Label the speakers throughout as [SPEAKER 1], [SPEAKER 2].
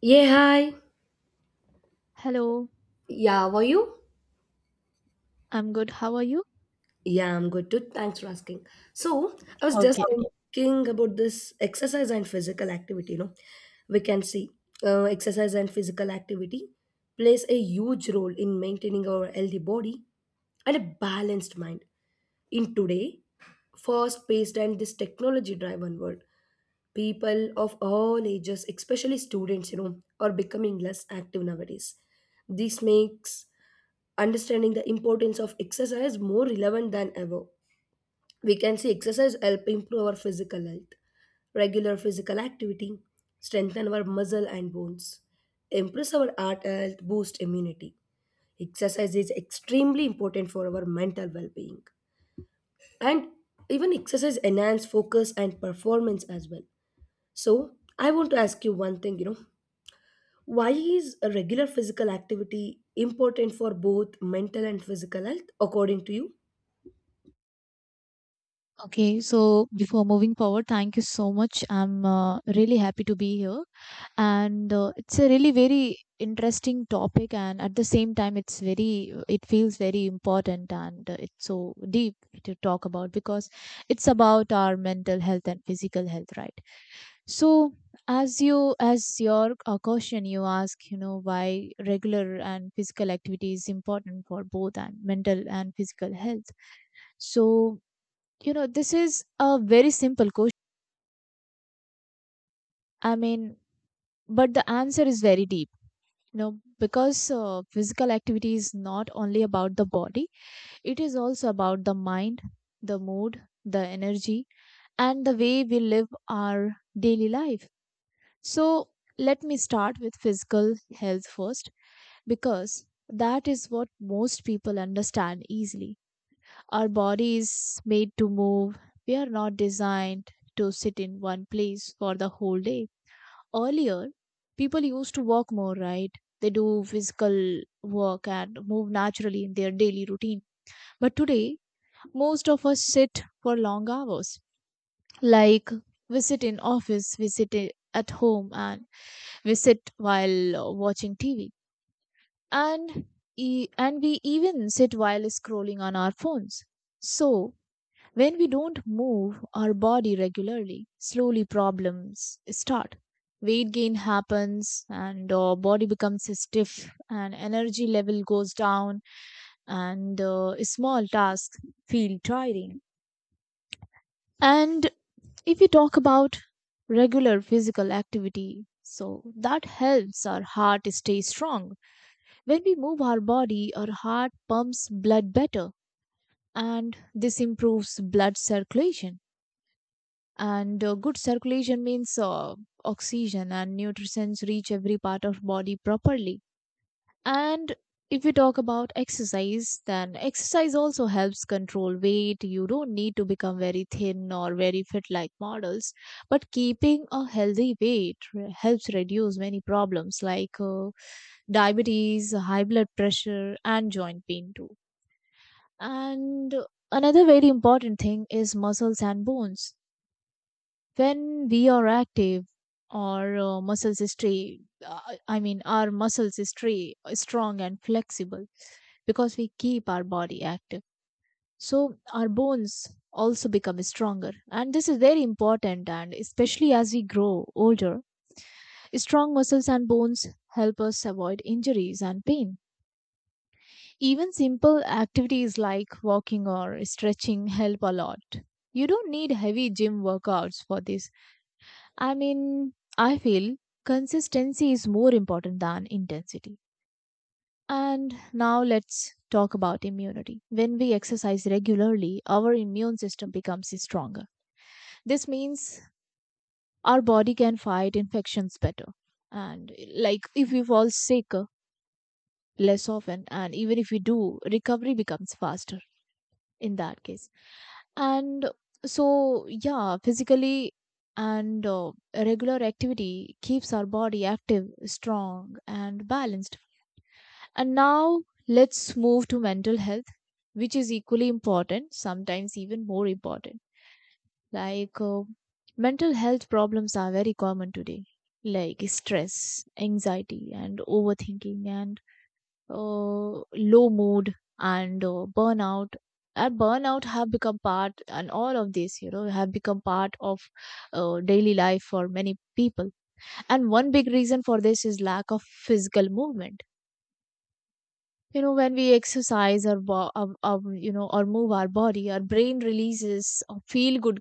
[SPEAKER 1] Yeah, hi.
[SPEAKER 2] Hello.
[SPEAKER 1] Yeah, how are you?
[SPEAKER 2] I'm good. How are you?
[SPEAKER 1] Yeah, I'm good too. Thanks for asking. So, I was just
[SPEAKER 2] Okay.
[SPEAKER 1] thinking about this exercise and physical activity. We can see exercise and physical activity plays a huge role in maintaining our healthy body and a balanced mind. In today, fast-paced and this technology-driven world, people of all ages, especially students, are becoming less active nowadays. This makes understanding the importance of exercise more relevant than ever. We can see exercise help improve our physical health, regular physical activity, strengthen our muscle and bones, improve our heart health, boost immunity. Exercise is extremely important for our mental well-being. And even exercise enhance focus and performance as well. So I want to ask you one thing, why is a regular physical activity important for both mental and physical health according to you?
[SPEAKER 2] Okay, so before moving forward, thank you so much. I'm really happy to be here. And it's a really very interesting topic, and at the same time, it feels very important, and it's so deep to talk about, because it's about our mental health and physical health, right? So, as your question, you ask, why regular and physical activity is important for both and mental and physical health. So, this is a very simple question. I mean, but the answer is very deep. Because physical activity is not only about the body, it is also about the mind, the mood, the energy, and the way we live our daily life. So, let me start with physical health first, because that is what most people understand easily. Our body is made to move. We are not designed to sit in one place for the whole day. Earlier, people used to walk more, right? They do physical work and move naturally in their daily routine, but today most of us sit for long hours. Like, we sit in office, at home, and we sit while watching TV, and and we even sit while scrolling on our phones. So when we don't move our body regularly, slowly problems start. Weight gain happens, and our body becomes stiff, and energy level goes down, and small tasks feel tiring. And if we talk about regular physical activity, so that helps our heart stay strong. When we move our body, our heart pumps blood better, and this improves blood circulation, and good circulation means oxygen and nutrients reach every part of body properly. And if we talk about exercise, then exercise also helps control weight. You don't need to become very thin or very fit like models, but keeping a healthy weight helps reduce many problems like diabetes, high blood pressure, and joint pain too. And another very important thing is muscles and bones. When we are active, our uh, muscles is stay strong and flexible, because we keep our body active. So our bones also become stronger, and this is very important, and especially as we grow older, strong muscles and bones help us avoid injuries and pain. Even simple activities like walking or stretching help a lot. You don't need heavy gym workouts for this. I mean, I feel consistency is more important than intensity. And now let's talk about immunity. When we exercise regularly, our immune system becomes stronger. This means our body can fight infections better. And like, if we fall sick less often, and even if we do, recovery becomes faster in that case. And so, yeah, physically and regular activity keeps our body active, strong, and balanced. And now let's move to mental health, which is equally important, sometimes even more important. Like mental health problems are very common today, like stress, anxiety, and overthinking, and uh, low mood, and burnout. And burnout have become part, and all of this, have become part of daily life for many people. And one big reason for this is lack of physical movement. When we exercise, or, bo- or you know or move our body, our brain releases feel good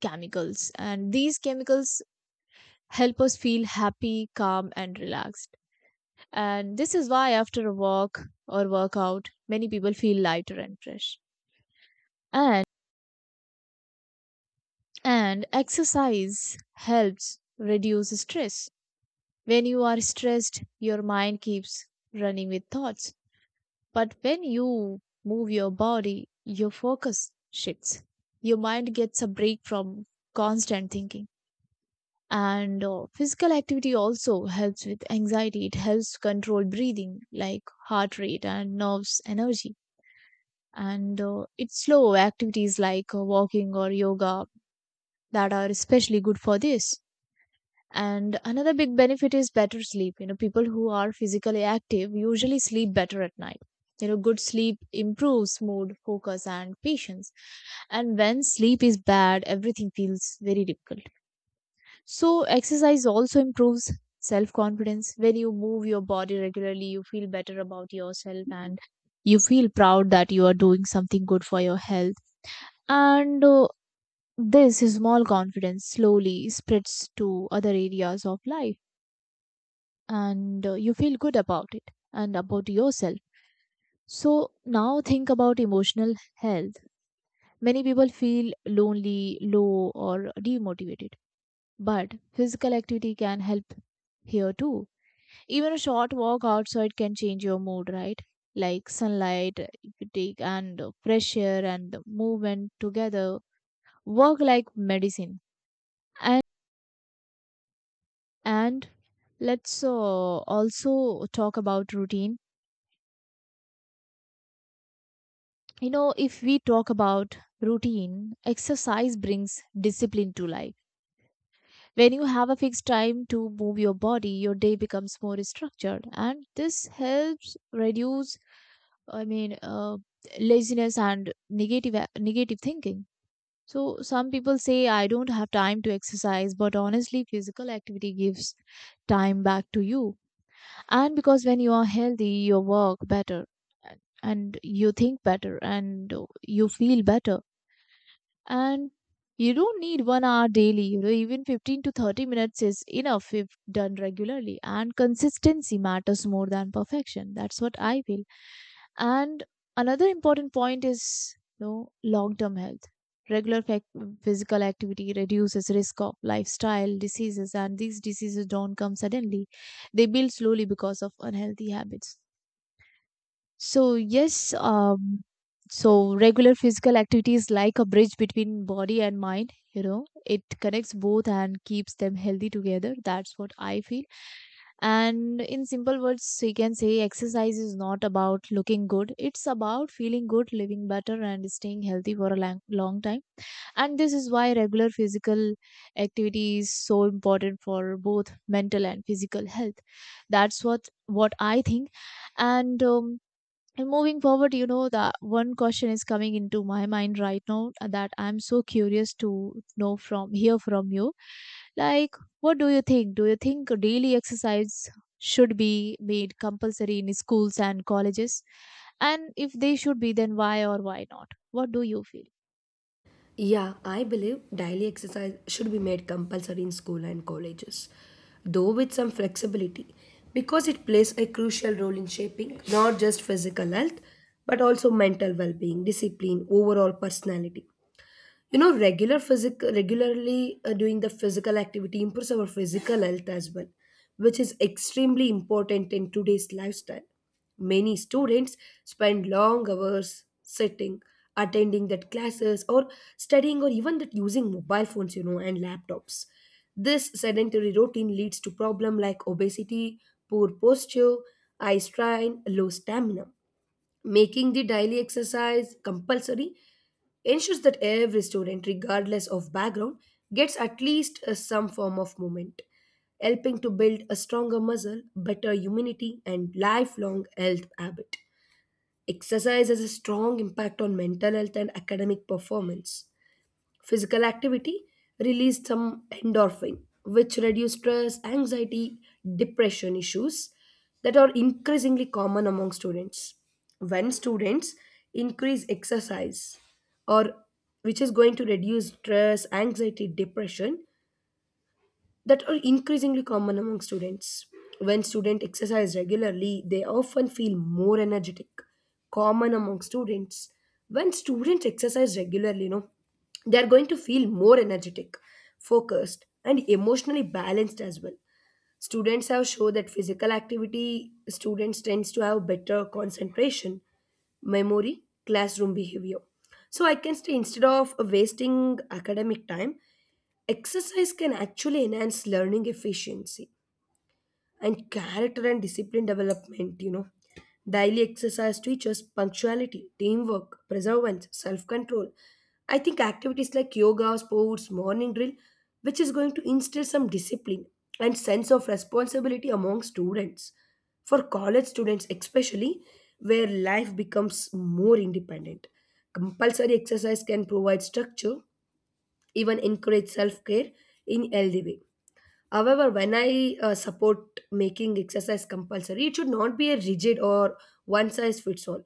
[SPEAKER 2] chemicals, and these chemicals help us feel happy, calm, and relaxed. And this is why, after a walk or workout, many people feel lighter and fresh. And exercise helps reduce stress. When you are stressed, your mind keeps running with thoughts. But when you move your body, your focus shifts. Your mind gets a break from constant thinking. And physical activity also helps with anxiety. It helps control breathing, like heart rate and nerves energy, and it's slow activities like walking or yoga that are especially good for this. And another big benefit is better sleep. People who are physically active usually sleep better at night. Good sleep improves mood, focus, and patience. And when sleep is bad, everything feels very difficult. So exercise also improves self confidence. When you move your body regularly, you feel better about yourself, and you feel proud that you are doing something good for your health. And this small confidence slowly spreads to other areas of life, and you feel good about it and about yourself. So, now think about emotional health. Many people feel lonely, low, or demotivated, but physical activity can help here too. Even a short walk outside can change your mood, right? Like sunlight, if you take, and fresh air and movement together work like medicine. And let's also talk about routine. If we talk about routine, exercise brings discipline to life. When you have a fixed time to move your body, your day becomes more structured, and this helps reduce i mean uh, laziness and negative thinking. So some people say, "I don't have time to exercise," but honestly, physical activity gives time back to you, and because when you are healthy, you work better, and you think better, and you feel better. And you don't need one hour daily. Even 15 to 30 minutes is enough if done regularly, and consistency matters more than perfection. That's what I feel. And another important point is, long term health. Regular physical activity reduces risk of lifestyle diseases, and these diseases don't come suddenly. They build slowly because of unhealthy habits. So yes, so regular physical activity is like a bridge between body and mind. It connects both and keeps them healthy together. That's what I feel. And in simple words, we can say exercise is not about looking good. It's about feeling good, living better, and staying healthy for a long, long time. And this is why regular physical activity is so important for both mental and physical health. That's what I think. And um, and moving forward, the one question is coming into my mind right now that I'm so curious to know from hear from you. Like, what do you think? Do you think daily exercise should be made compulsory in schools and colleges? And if they should be, then why or why not? What do you feel?
[SPEAKER 1] Yeah, I believe daily exercise should be made compulsory in school and colleges, though with some flexibility, because it plays a crucial role in shaping not just physical health but also mental well being, discipline, overall personality. You know, regular physical regularly doing the physical activity improves our physical health as well, which is extremely important in today's lifestyle. Many students spend long hours sitting, attending that classes, or studying, or even that using mobile phones, you know, and laptops. This sedentary routine leads to problem like obesity, poor posture, eye strain, low stamina. Making the daily exercise compulsory ensures that every student, regardless of background, gets at least some form of movement, helping to build a stronger muscle, better immunity, and lifelong health habit. Exercise has a strong impact on mental health and academic performance. Physical activity released some endorphin, which reduce stress, anxiety, depression issues that are increasingly common among students. When students increase exercise, or which is going to reduce stress, anxiety, depression, that are increasingly common among students. When students exercise regularly, they often feel more energetic. Common among students. When students exercise regularly, they are going to feel more energetic, focused, and emotionally balanced as well. Students have shown that physical activity students tends to have better concentration, memory, classroom behavior. So I can say, instead of wasting academic time, exercise can actually enhance learning efficiency and character and discipline development. You know, daily exercise teaches punctuality, teamwork, perseverance, self-control. I think activities like yoga, sports, morning drill, which is going to instill some discipline and sense of responsibility among students. For college students especially, where life becomes more independent, compulsory exercise can provide structure, even encourage self care in healthy way. However, when I support making exercise compulsory, it should not be a rigid or one size fits all.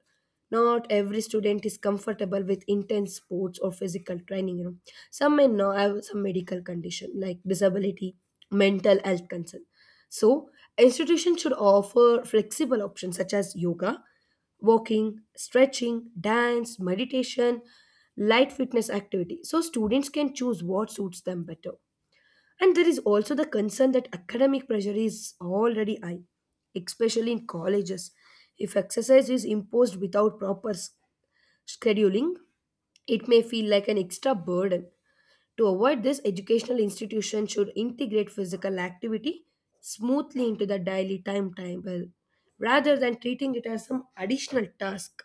[SPEAKER 1] Not every student is comfortable with intense sports or physical training. You know, some may now have some medical condition like disability, mental health concern. So, institutions should offer flexible options such as yoga, walking, stretching, dance, meditation, light fitness activity. So students can choose what suits them better. And there is also the concern that academic pressure is already high, especially in colleges. If exercise is imposed without proper scheduling, it may feel like an extra burden. To avoid this, educational institutions should integrate physical activity smoothly into the daily timetable rather than treating it as some additional task.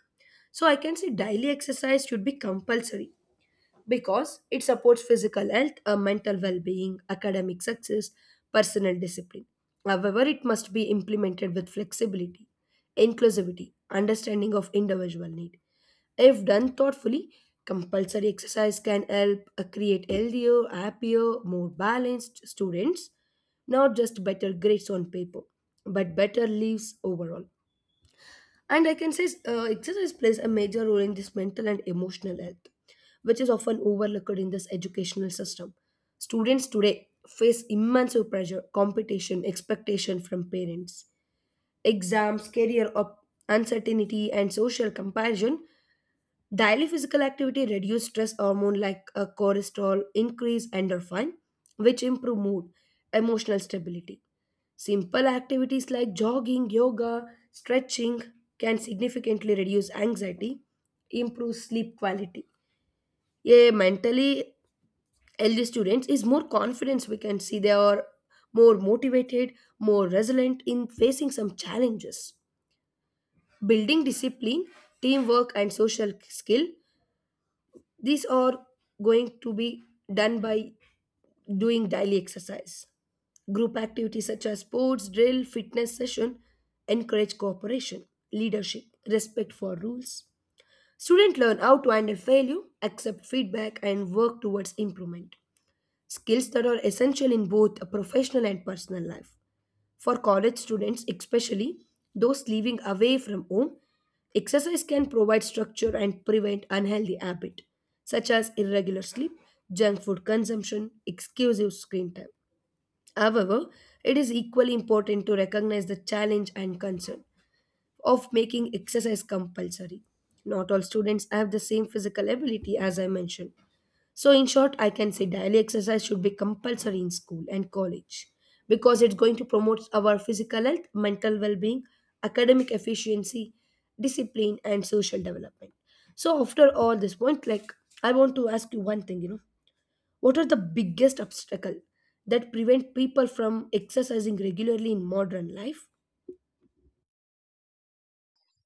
[SPEAKER 1] So, I can say daily exercise should be compulsory because it supports physical health, mental well being, academic success, personal discipline. However, it must be implemented with flexibility, inclusivity, understanding of individual need. If done thoughtfully, compulsory exercise can help create healthier, happier, more balanced students, not just better grades on paper, but better lives overall. And I can say exercise plays a major role in this mental and emotional health, which is often overlooked in this educational system. Students today face immense pressure, competition, expectation from parents. Exams, career up, uncertainty, and social comparison. Daily physical activity reduces stress hormone like cortisol, increase endorphin, which improve mood, emotional stability. Simple activities like jogging, yoga, stretching can significantly reduce anxiety, improve sleep quality. A mentally healthy students is more confidence. We can see they are more motivated, more resilient in facing some challenges. Building discipline, teamwork and social skill. These are going to be done by doing daily exercise. Group activities such as sports, drill, fitness session encourage cooperation, leadership, respect for rules. Students learn how to handle failure, accept feedback, and work towards improvement. Skills that are essential in both a professional and personal life. For college students, especially those living away from home, exercise can provide structure and prevent unhealthy habits such as irregular sleep, junk food consumption, excessive screen time. However, it is equally important to recognize the challenge and concern of making exercise compulsory. Not all students have the same physical ability, as I mentioned. So, in short, I can say daily exercise should be compulsory in school and college because it's going to promote our physical health, mental well being, academic efficiency, discipline, and social development. So, after all this point, like, I want to ask you one thing, what are the biggest obstacle that prevent people from exercising regularly in modern life?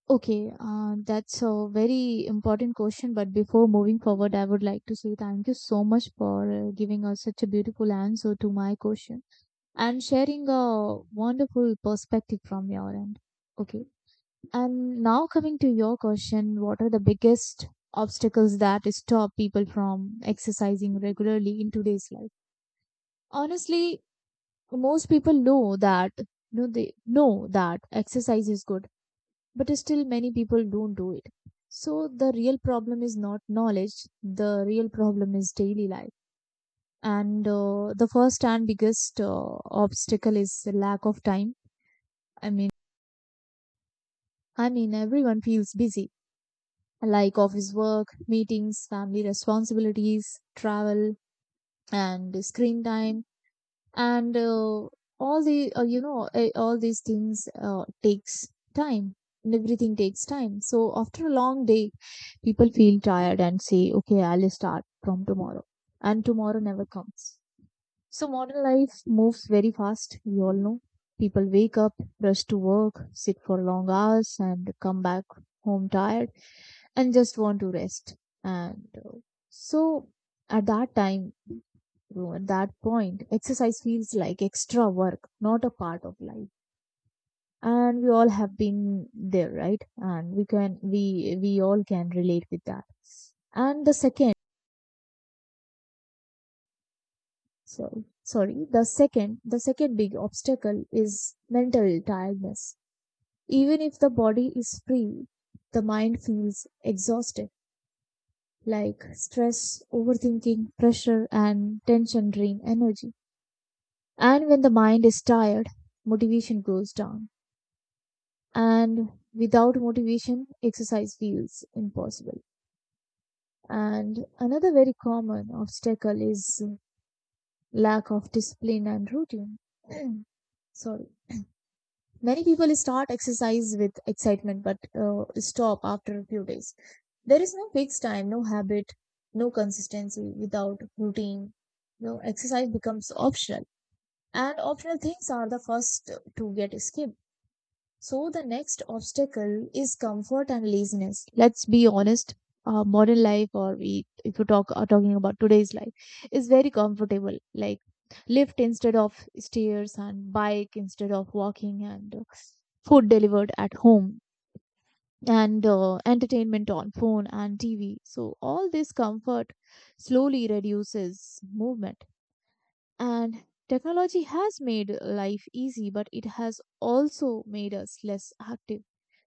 [SPEAKER 2] Okay, that's a very important question. But before moving forward, I would like to say thank you so much for giving us such a beautiful answer to my question, and sharing a wonderful perspective from your end. Okay. And now coming to your question, what are the biggest obstacles that stop people from exercising regularly in today's life? Honestly, most people know that know they know that exercise is good, but still many people don't do it. So the real problem is not knowledge, the real problem is daily life. And the first and biggest obstacle is the lack of time. I mean I mean, everyone feels busy, like office work, meetings, family responsibilities, travel, and screen time, and all the you know eh, all these things takes time. And everything takes time. So after a long day, people feel tired and say, "Okay, I'll start from tomorrow," and tomorrow never comes. So modern life moves very fast, we all know. People wake up, rush to work, sit for long hours, and come back home tired and just want to rest. And so at that time, at that point, exercise feels like extra work, not a part of life. And we all have been there, right? And we all can relate with that. And the second big obstacle is mental tiredness. Even if the body is free, the mind feels exhausted. Like stress, overthinking, pressure, and tension drain energy. And when the mind is tired, motivation goes down, and without motivation, exercise feels impossible. And another very common obstacle is lack of discipline and routine. Sorry. Many people start exercise with excitement but stop after a few days. There is no fixed time, no habit, no consistency without routine. No exercise becomes optional, and optional things are the first to get skipped. So the next obstacle is comfort and laziness. Let's be honest. Modern life, or if you talk are talking about today's life, is very comfortable. Like lift instead of stairs, and bike instead of walking, and food delivered at home, and entertainment on phone and TV. So all this comfort slowly reduces movement, and technology has made life easy, but it has also made us less active.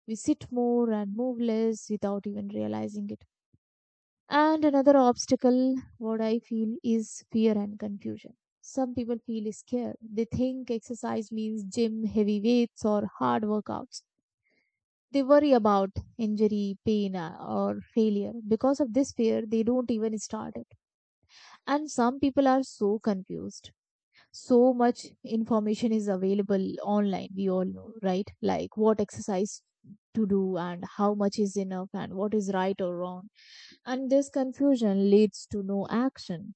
[SPEAKER 2] We sit more and move less without even realizing it. And another obstacle, what I feel, is fear and confusion. Some people feel scared. They think exercise means gym, heavy weights, or hard workouts. They worry about injury, pain, or failure. Because of this fear, they don't even start it. And some people are so confused. So much information is available online, we all know, right? Like what exercise to do, and how much is enough, and what is right or wrong. And this confusion leads to no action,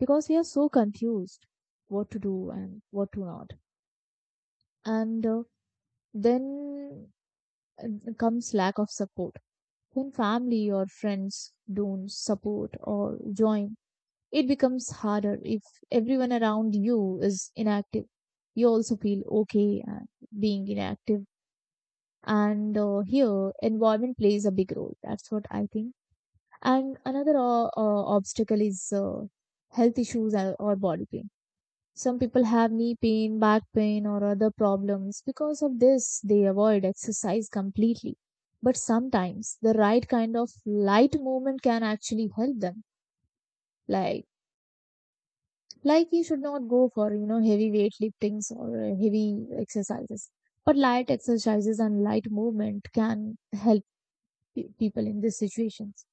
[SPEAKER 2] because we are so confused what to do and what to not. And then comes lack of support. When family or friends don't support or join, it becomes harder. If everyone around you is inactive, you also feel okay being inactive. And here, environment plays a big role. That's what I think. And another obstacle is health issues or body pain. Some people have knee pain, back pain, or other problems. Because of this, they avoid exercise completely. But sometimes the right kind of light movement can actually help them. Like like you should not go for, you know, heavy weight liftings or heavy exercises, but light exercises and light movement can help people in these situations.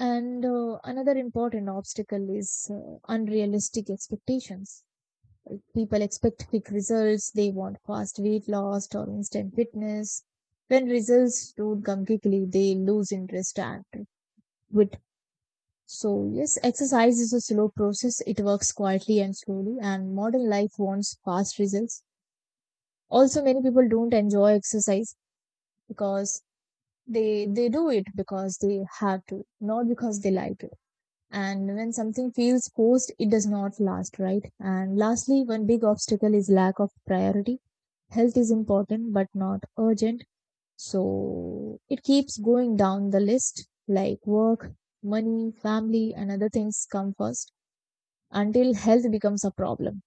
[SPEAKER 2] And another important obstacle is unrealistic expectations. Like, people expect quick results. They want fast weight loss or instant fitness. When results don't come quickly, they lose interest and quit. So, yes, exercise is a slow process. It works quietly and slowly, and modern life wants fast results. Also, many people don't enjoy exercise because they do it because they have to, not because they like to. And when something feels forced, it does not last, right? And lastly, one big obstacle is lack of priority. Health is important but not urgent. So it keeps going down the list, like work, money, family, and other things come first until health becomes a problem.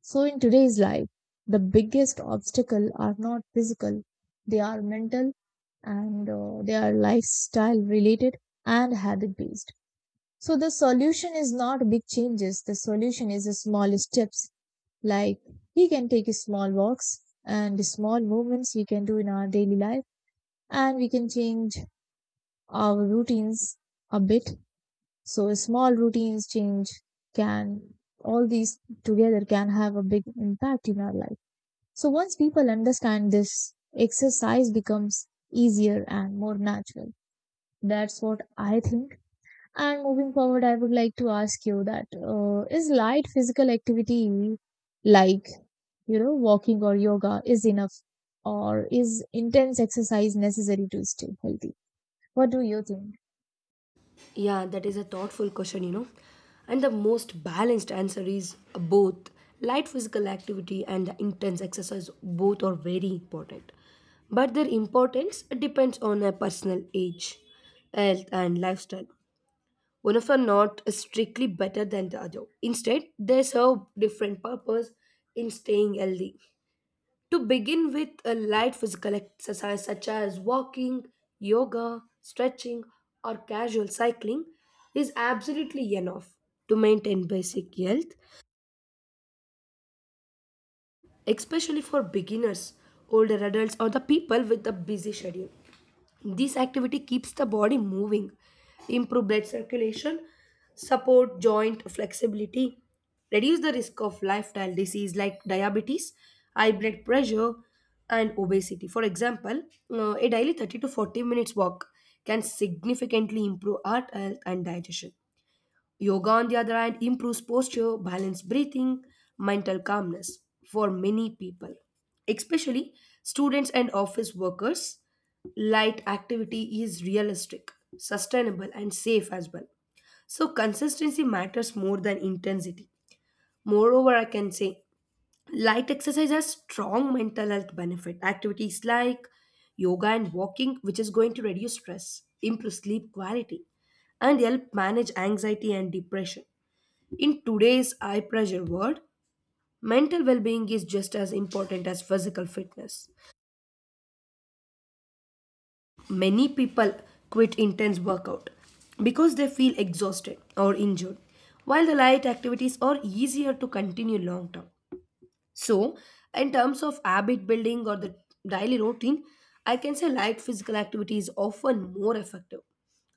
[SPEAKER 2] So, in today's life, the biggest obstacle are not physical, they are mental, and they are lifestyle related and habit based. So, the solution is not big changes, the solution is the small steps. Like, we can take small walks, and small movements we can do in our daily life, and we can change our routines a bit. So small routines change can, all these together can have a big impact in our life. So once people understand this, exercise becomes easier and more natural. That's what I think. And moving forward, I would like to ask you that is light physical activity, like, you know, walking or yoga is enough, or is intense exercise necessary to stay healthy? What do you think?
[SPEAKER 1] Yeah, that is a thoughtful question, you know. And the most balanced answer is both. Light physical activity and the intense exercise both are very important. But their importance depends on a personal age, health and lifestyle. One of are not strictly better than the other. Instead, they serve different purpose in staying healthy. To begin with, a light physical exercise such as walking, yoga, stretching, or casual cycling is absolutely enough to maintain basic health, especially for beginners, older adults, or the people with a busy schedule. This activity keeps the body moving, improve blood circulation, support joint flexibility, reduce the risk of lifestyle disease like diabetes, high blood pressure, and obesity. For example, a daily 30 to 40 minutes walk can significantly improve heart health and digestion. Yoga, on the other hand, improves posture, balanced breathing, mental calmness for many people, especially students and office workers. Light activity is realistic, sustainable, and safe as well. So, consistency matters more than intensity. Moreover, I can say light exercise has strong mental health benefit. Activities like yoga and walking, which is going to reduce stress, improve sleep quality, and help manage anxiety and depression. In today's high pressure world, mental well being is just as important as physical fitness. Many people quit intense workout because they feel exhausted or injured, while the light activities are easier to continue long term. So, in terms of habit building or the daily routine, I can say light physical activity is often more effective.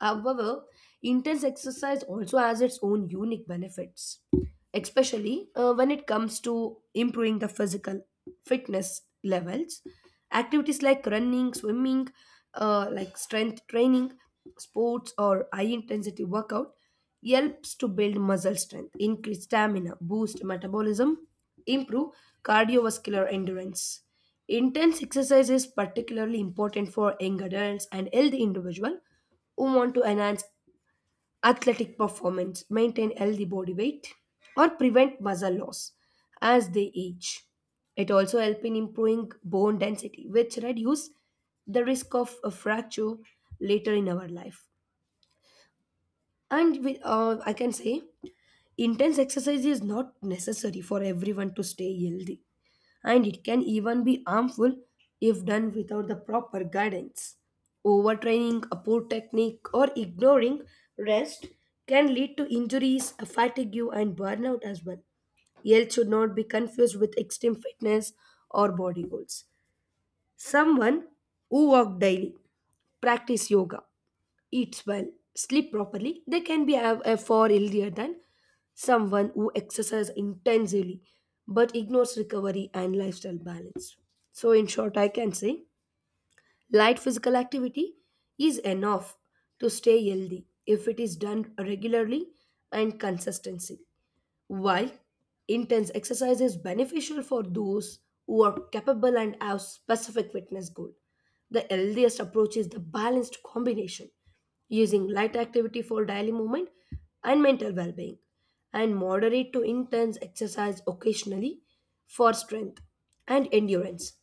[SPEAKER 1] However, intense exercise also has its own unique benefits, especially when it comes to improving the physical fitness levels. Activities like running, swimming, like strength training, sports, or high intensity workout helps to build muscle strength, increase stamina, boost metabolism, improve cardiovascular endurance. Intense exercise is particularly important for young adults and healthy individuals who want to enhance athletic performance, maintain healthy body weight, or prevent muscle loss as they age. It also helps in improving bone density, which reduce the risk of a fracture later in our life. And with, I can say intense exercise is not necessary for everyone to stay healthy, and it can even be harmful if done without the proper guidance. Overtraining, a poor technique, or ignoring rest can lead to injuries, fatigue, and burnout as well. Health should not be confused with extreme fitness or body goals. Someone who walk daily, practice yoga, eats well, sleep properly, they can be have a far healthier than someone who exercises intensely but ignores recovery and lifestyle balance. So, in short, I can say light physical activity is enough to stay healthy if it is done regularly and consistently. While intense exercise is beneficial for those who are capable and have specific fitness goal, the healthiest approach is the balanced combination, using light activity for daily movement and mental well-being, and moderate to intense exercise occasionally for strength and endurance.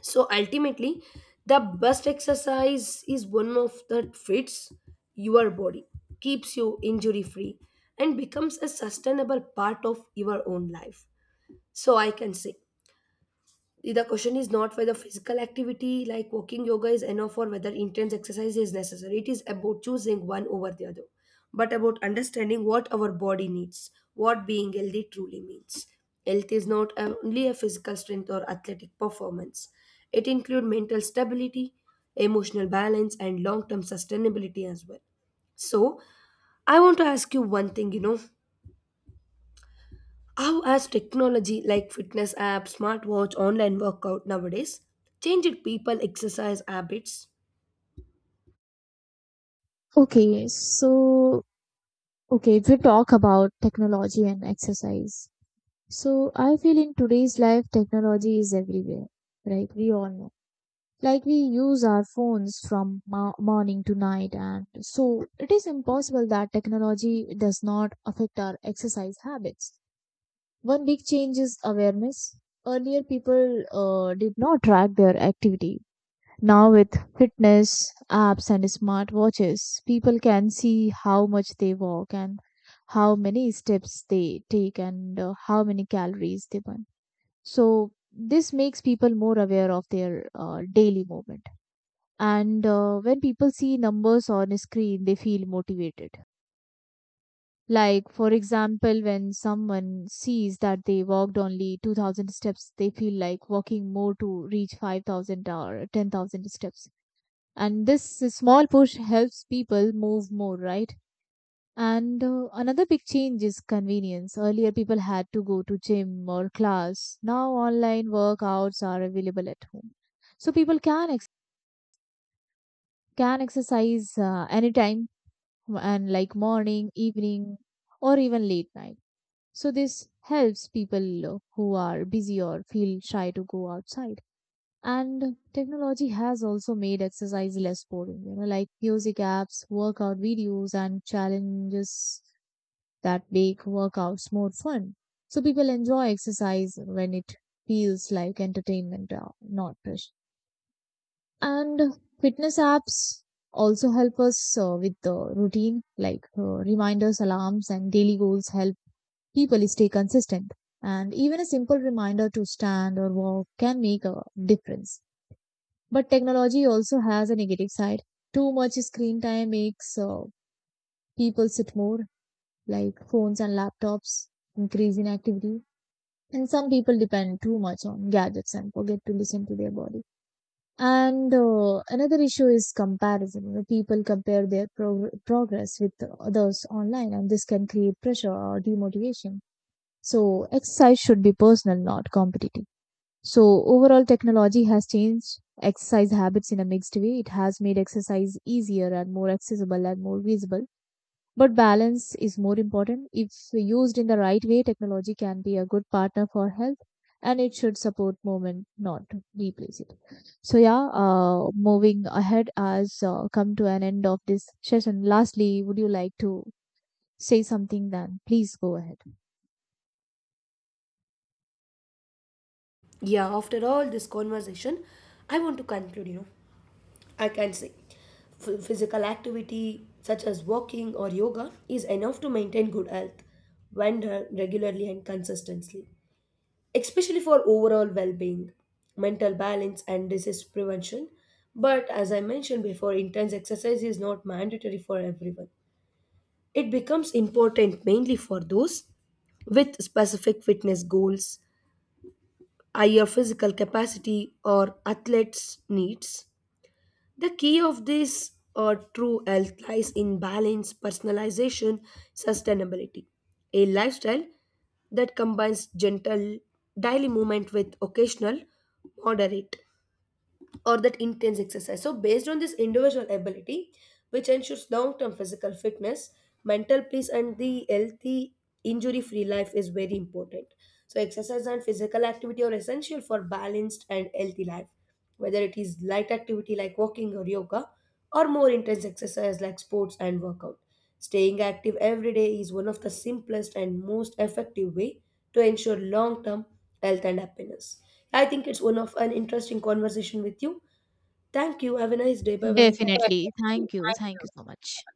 [SPEAKER 1] So ultimately, the best exercise is one of that fits your body, keeps you injury free, and becomes a sustainable part of your own life. So I can say the question is not whether physical activity like walking, yoga is enough or whether intense exercise is necessary. It is about choosing one over the other, but about understanding what our body needs, what being healthy truly means. Health is not only a physical strength or athletic performance, it includes mental stability, emotional balance, and long term sustainability as well. So, I want to ask you one thing, how has technology like fitness apps, smartwatch, online workout nowadays changed people exercise habits?
[SPEAKER 2] Okay, so Okay, if we talk about technology and exercise, so I feel in today's life, technology is everywhere, right? We all know. Like we use our phones from morning to night, and so it is impossible that technology does not affect our exercise habits. One big change is awareness. Earlier, people did not track their activity. Now with fitness apps and smartwatches, people can see how much they walk, and how many steps they take, and how many calories they burn. So this makes people more aware of their daily movement. And when people see numbers on a screen, they feel motivated. Like for example, when someone sees that they walked only 2000 steps, they feel like walking more to reach 5000 or 10,000 steps, and this small push helps people move more, right? And another big change is convenience. Earlier people had to go to gym or class. Now online workouts are available at home, so people can exercise anytime, and like morning, evening, or even late night. So this helps people who are busy or feel shy to go outside. And technology has also made exercise less boring, you know, like music apps, workout videos, and challenges that make workouts more fun. So people enjoy exercise when it feels like entertainment, not pressure. And fitness apps also help us with the routine, like reminders, alarms, and daily goals help people stay consistent. And even a simple reminder to stand or walk can make a difference. But technology also has a negative side. Too much screen time makes people sit more, like phones and laptops, increase in activity. And some people depend too much on gadgets and forget to listen to their body. And another issue is comparison. You know, people compare their progress with others online, and this can create pressure or demotivation. So, exercise should be personal, not competitive. So, overall, technology has changed exercise habits in a mixed way. It has made exercise easier and more accessible and more visible. But balance is more important. If used in the right way, technology can be a good partner for health, and it should support movement, not replace it. So, yeah, moving ahead as come to an end of this session. Lastly, would you like to say something then? Please go ahead.
[SPEAKER 1] Yeah, after all this conversation, I want to conclude, you know, I can say physical activity such as walking or yoga is enough to maintain good health when done regularly and consistently, especially for overall well-being, mental balance and disease prevention. But as I mentioned before, intense exercise is not mandatory for everyone. It becomes important mainly for those with specific fitness goals, higher physical capacity, or athletes' needs. The key of this true health lies in balance, personalization, sustainability. A lifestyle that combines gentle daily movement with occasional moderate or that intense exercise. So, based on this individual ability, which ensures long term physical fitness, mental peace, and the healthy injury free life is very important. So, exercise and physical activity are essential for balanced and healthy life, whether it is light activity like walking or yoga or more intense exercise like sports and workout. Staying active every day is one of the simplest and most effective way to ensure long-term health and happiness. I think it's one of an interesting conversation with you. Thank you. Have a nice day. Bye bye.
[SPEAKER 2] Definitely. Thank you. Thank you so much.